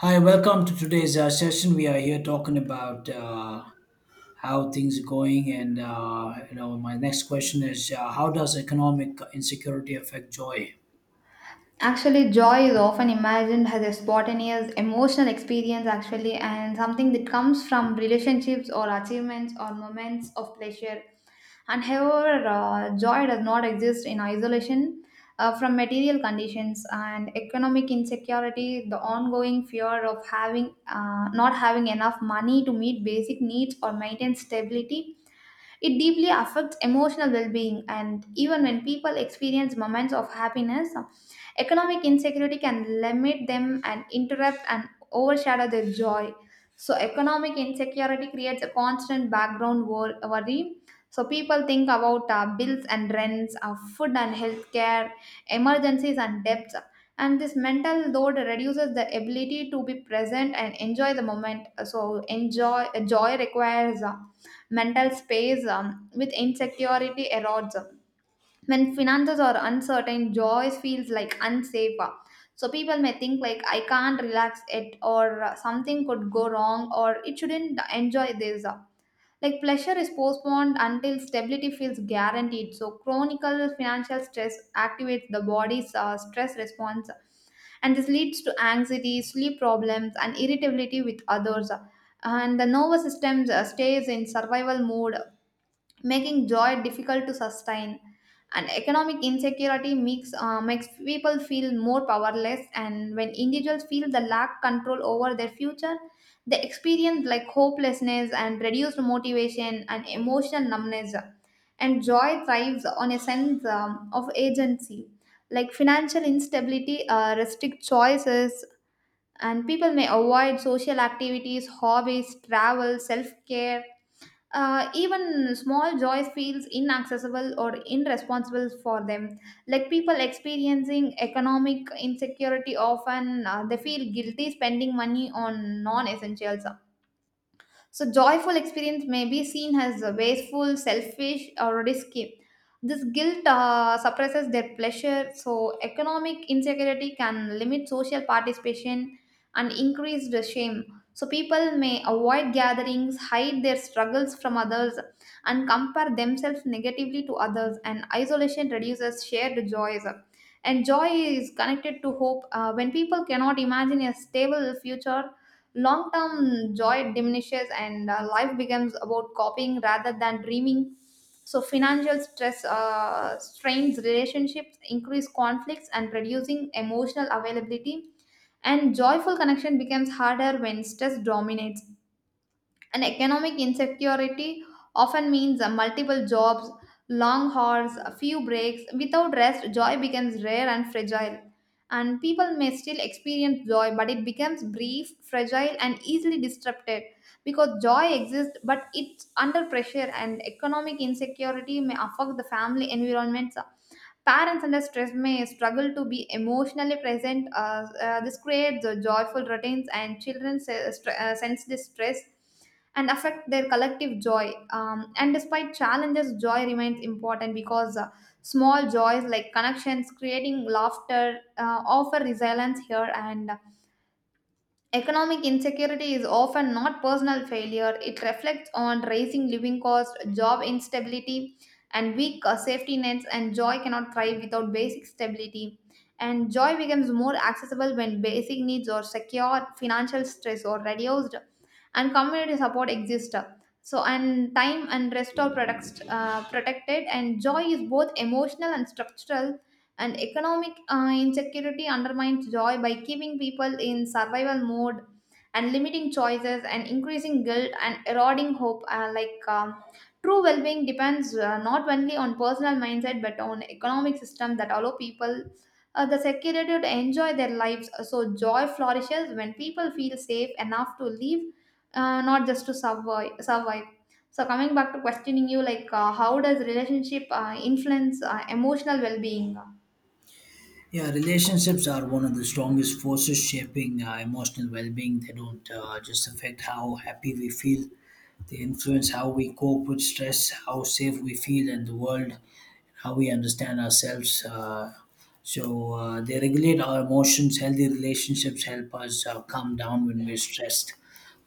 Hi, welcome to today's session. We are here talking about how things are going, and my next question is, how does economic insecurity affect joy? Actually, joy is often imagined as a spontaneous emotional experience, actually, and something that comes from relationships or achievements or moments of pleasure. And however, joy does not exist in isolation from material conditions and economic insecurity, the ongoing fear of having not having enough money to meet basic needs or maintain stability, it deeply affects emotional well being, and even when people experience moments of happiness, economic insecurity can limit them and interrupt and overshadow their joy. So, economic insecurity creates a constant background worry. So, people think about bills and rents, food and healthcare, emergencies and debts. And this mental load reduces the ability to be present and enjoy the moment. So, enjoy joy requires mental space with insecurity erodes. When finances are uncertain, joy feels like unsafe. So people may think like I can't relax it or something could go wrong or it shouldn't enjoy this. Like pleasure is postponed until stability feels guaranteed. So chronic financial stress activates the body's stress response, and this leads to anxiety, sleep problems and irritability with others, and the nervous system stays in survival mode, making joy difficult to sustain. And economic insecurity makes people feel more powerless. And when individuals feel the lack control over their future, they experience like hopelessness and reduced motivation and emotional numbness. And joy thrives on a sense of agency. Like financial instability restricts choices, and people may avoid social activities, hobbies, travel, self care, even small joys feels inaccessible or irresponsible for them, like people experiencing economic insecurity often they feel guilty spending money on non-essentials, so joyful experience may be seen as wasteful, selfish, or risky. This guilt suppresses their pleasure, so economic insecurity can limit social participation and increase the shame. So, people may avoid gatherings, hide their struggles from others, and compare themselves negatively to others, and isolation reduces shared joys. And joy is connected to hope. When people cannot imagine a stable future, long term joy diminishes, and life becomes about copying rather than dreaming. So financial stress strains relationships, increase conflicts and reducing emotional availability, and joyful connection becomes harder when stress dominates. And economic insecurity often means multiple jobs, long hours, a few breaks. Without rest, joy becomes rare and fragile. And people may still experience joy, but it becomes brief, fragile, and easily disrupted because joy exists, but it's under pressure, and economic insecurity may affect the family environments. Parents under stress may struggle to be emotionally present. This creates the joyful routines, and children sense this stress and affect their collective joy. And despite challenges, joy remains important because small joys like connections, creating laughter, offer resilience here. And economic insecurity is often not personal failure. It reflects on rising living costs, job instability, and weak safety nets, and joy cannot thrive without basic stability. And joy becomes more accessible when basic needs are secured, financial stress or reduced, and community support exists. So, and time and rest are protected, and joy is both emotional and structural, and economic insecurity undermines joy by keeping people in survival mode and limiting choices and increasing guilt and eroding hope, like true well-being depends not only on personal mindset but on economic system that allow people the security to enjoy their lives. So joy flourishes when people feel safe enough to live, not just to survive survive. So coming back to questioning you, like how does relationship influence emotional well-being? Yeah, relationships are one of the strongest forces shaping emotional well-being. They don't just affect how happy we feel; they influence how we cope with stress, how safe we feel in the world, and how we understand ourselves. They regulate our emotions. Healthy relationships help us calm down when we're stressed,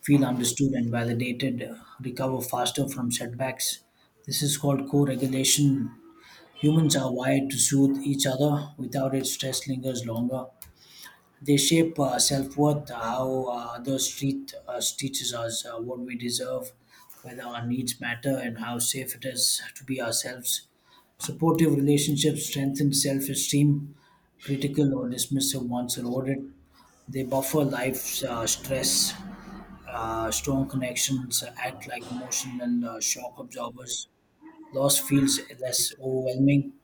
feel understood and validated, recover faster from setbacks. This is called co regulation. Humans are wired to soothe each other. Without it, stress lingers longer. They shape self worth, how others treat us, teaches us what we deserve, whether our needs matter, and how safe it is to be ourselves. Supportive relationships strengthen self esteem, critical or dismissive ones erode it. They buffer life's stress. Strong connections act like emotional shock absorbers. Loss feels less overwhelming.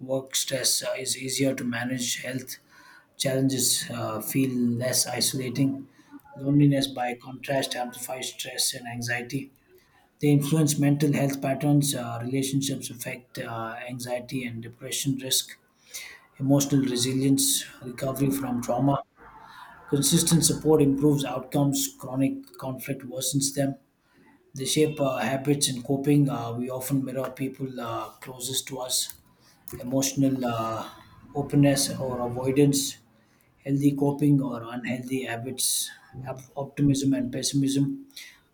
Work stress is easier to manage. Health challenges feel less isolating. Loneliness, by contrast, amplifies stress and anxiety. They influence mental health patterns. Relationships affect anxiety and depression risk. Emotional resilience, recovery from trauma. Consistent support improves outcomes. Chronic conflict worsens them. They shape habits and coping. We often mirror people closest to us: emotional openness or avoidance, healthy coping or unhealthy habits, optimism and pessimism.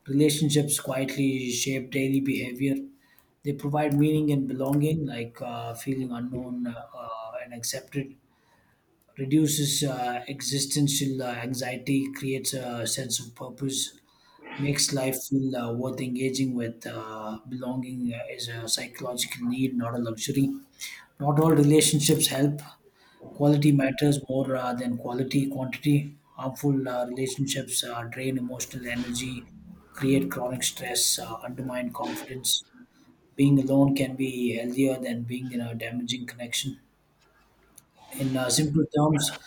Relationships quietly shape daily behavior. They provide meaning and belonging, like feeling unknown and accepted. Reduces existential anxiety, creates a sense of purpose, makes life feel worth engaging with. Belonging is a psychological need, not a luxury. Not all relationships help. Quality matters more than quality quantity. Harmful relationships drain emotional energy, create chronic stress, undermine confidence. Being alone can be healthier than being in a damaging connection. In simple terms,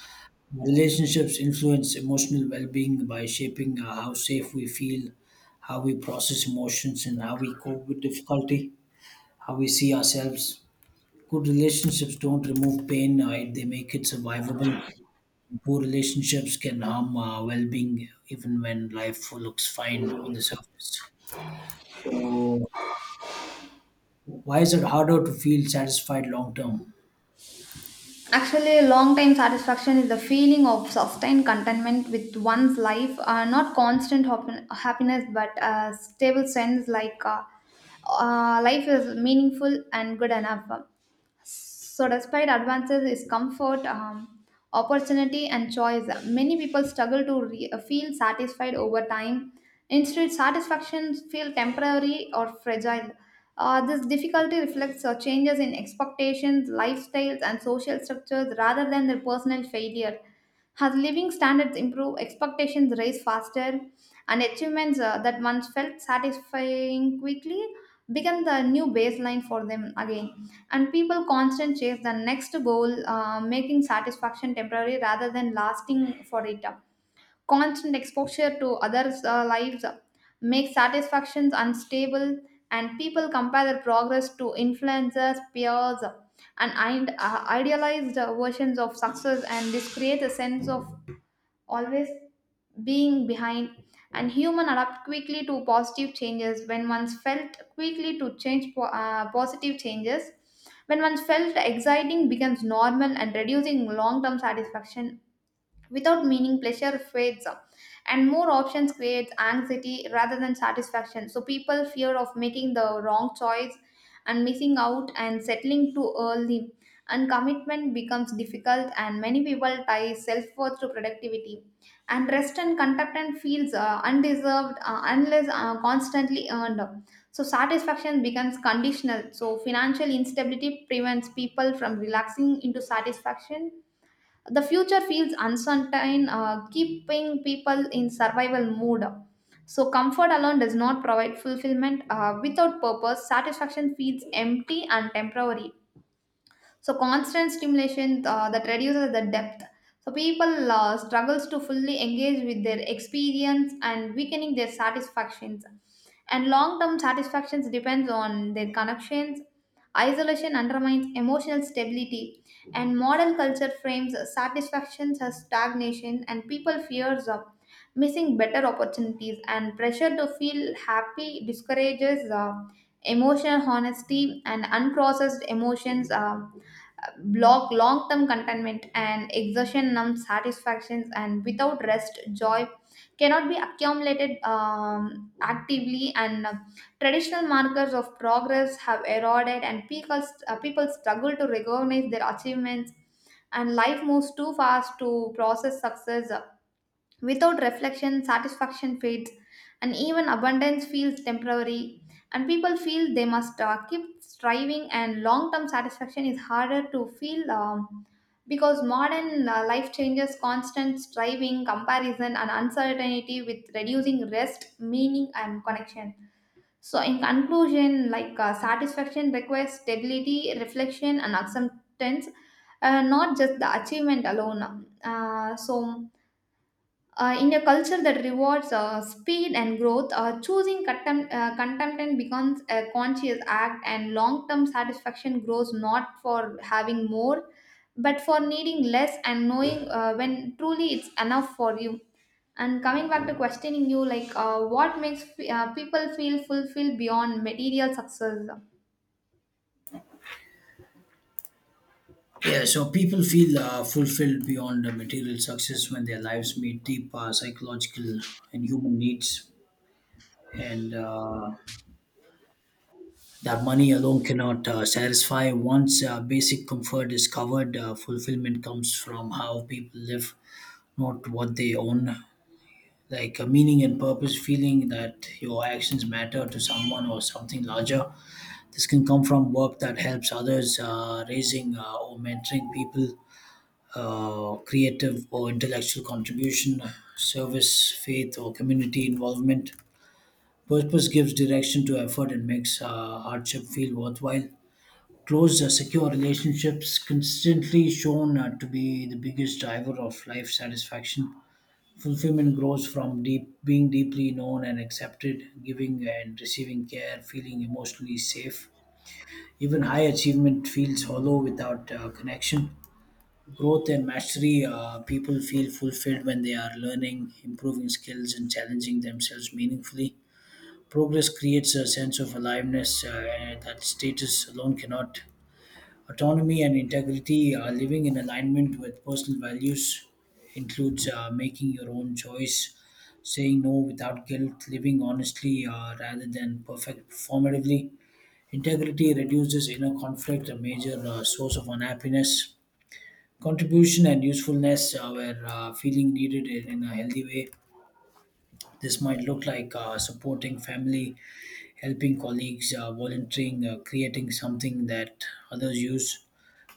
relationships influence emotional well being by shaping how safe we feel, how we process emotions, and how we cope with difficulty, how we see ourselves. Good relationships don't remove pain; they make it survivable. Poor relationships can harm well-being, even when life looks fine on the surface. So, why is it harder to feel satisfied long term? Actually, long time satisfaction is the feeling of sustained contentment with one's life, not constant happiness, but a stable sense like life is meaningful and good enough. So, despite advances is comfort, opportunity, and choice, many people struggle to feel satisfied over time. Instead, satisfactions feel temporary or fragile. This difficulty reflects changes in expectations, lifestyles, and social structures rather than their personal failure. As living standards improve, expectations rise faster, and achievements that once felt satisfying quickly become the new baseline for them again, and people constant chase the next goal, making satisfaction temporary rather than lasting for it. Constant exposure to others lives makes satisfactions unstable, and people compare their progress to influencers peers and idealized versions of success, and this creates a sense of always being behind, and human adapt quickly to positive changes when once felt quickly to change positive changes. When once felt exciting becomes normal and reducing long term satisfaction, without meaning pleasure fades up, and more options creates anxiety rather than satisfaction, so people fear of making the wrong choice and missing out and settling too early, and commitment becomes difficult, and many people tie self-worth to productivity, and rest and contentment feels undeserved unless constantly earned, so satisfaction becomes conditional, so financial instability prevents people from relaxing into satisfaction. The future feels uncertain, keeping people in survival mode. So, comfort alone does not provide fulfillment. Without purpose, satisfaction feels empty and temporary, so constant stimulation that reduces the depth, so people struggles to fully engage with their experience and weakening their satisfactions, and long-term satisfactions depends on their connections, isolation undermines emotional stability, and modern culture frames satisfactions as stagnation, and people fears of missing better opportunities, and pressure to feel happy discourages emotional honesty, and unprocessed emotions block long-term contentment, and exertion numbs satisfactions, and without rest joy cannot be accumulated, actively, and traditional markers of progress have eroded, and people struggle to recognize their achievements, and life moves too fast to process success. Without reflection, satisfaction fades, and even abundance feels temporary. And people feel they must keep striving, and long term satisfaction is harder to feel, because modern life changes constant striving, comparison, and uncertainty with reducing rest, meaning, and connection. So, in conclusion, like satisfaction requires stability, reflection, and acceptance, not just the achievement alone. In a culture that rewards speed and growth, choosing contentment becomes a conscious act, and long term satisfaction grows not for having more, but for needing less and knowing when truly it's enough for you. And coming back to questioning you, like what makes people feel fulfilled beyond material success? Yeah, so people feel fulfilled beyond material success when their lives meet deep psychological and human needs, and that money alone cannot satisfy. Once basic comfort is covered, fulfillment comes from how people live, not what they own. Like a meaning and purpose, feeling that your actions matter to someone or something larger. This can come from work that helps others, raising or mentoring people, creative or intellectual contribution, service, faith, or community involvement. Purpose gives direction to effort and makes hardship feel worthwhile. Close secure relationships consistently shown to be the biggest driver of life satisfaction. Fulfillment grows from deep being deeply known and accepted, giving and receiving care, feeling emotionally safe. Even high achievement feels hollow without connection. Growth and mastery: people feel fulfilled when they are learning, improving skills, and challenging themselves meaningfully. Progress creates a sense of aliveness that status alone cannot. Autonomy and integrity, living in alignment with personal values, includes making your own choice, saying no without guilt, living honestly rather than perfect performatively. Integrity reduces inner conflict, a major source of unhappiness. Contribution and usefulness, where feeling needed in a healthy way. This might look like supporting family, helping colleagues, volunteering, creating something that others use.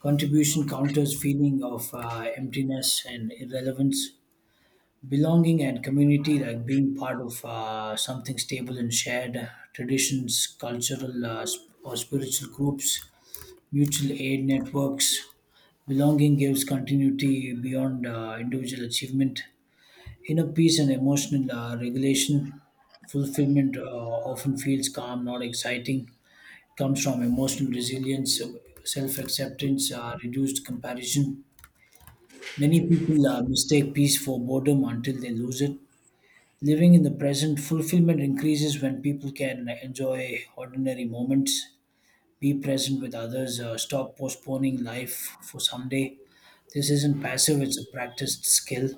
Contribution counters feeling of emptiness and irrelevance. Belonging and community, like being part of something stable and shared, traditions, cultural or spiritual groups, mutual aid networks. Belonging gives continuity beyond individual achievement. Inner peace and emotional regulation: fulfillment often feels calm, not exciting. Comes from emotional resilience, self acceptance, reduced comparison. Many people mistake peace for boredom until they lose it. Living in the present, fulfillment increases when people can enjoy ordinary moments, be present with others, stop postponing life for someday. This isn't passive, it's a practiced skill.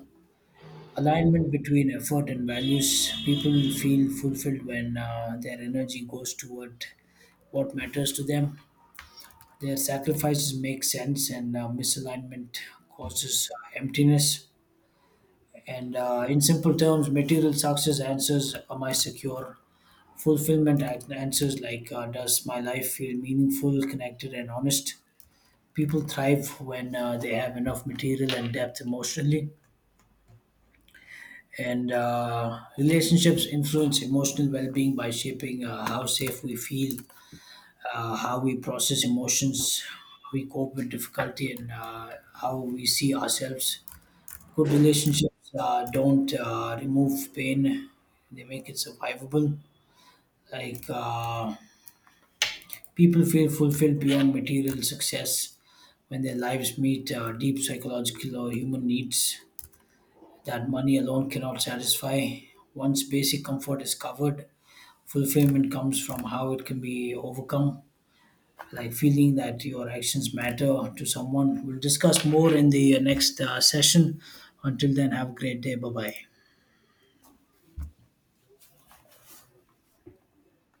Alignment between effort and values. People will feel fulfilled when their energy goes toward what matters to them. Their sacrifices make sense, and misalignment causes emptiness. And In simple terms, material success answers, "Am I secure?" Fulfillment answers, "Does my life feel meaningful, connected, and honest?" People thrive when they have enough material and depth emotionally. And Relationships influence emotional well being by shaping how safe we feel, how we process emotions, how we cope with difficulty, and how we see ourselves. Good relationships don't remove pain; they make it survivable. Like uh, People feel fulfilled beyond material success when their lives meet deep psychological or human needs that money alone cannot satisfy. Once basic comfort is covered, fulfillment comes from how it can be overcome, like feeling that your actions matter to someone. We'll discuss more in the next session. Until then, have a great day. Bye bye.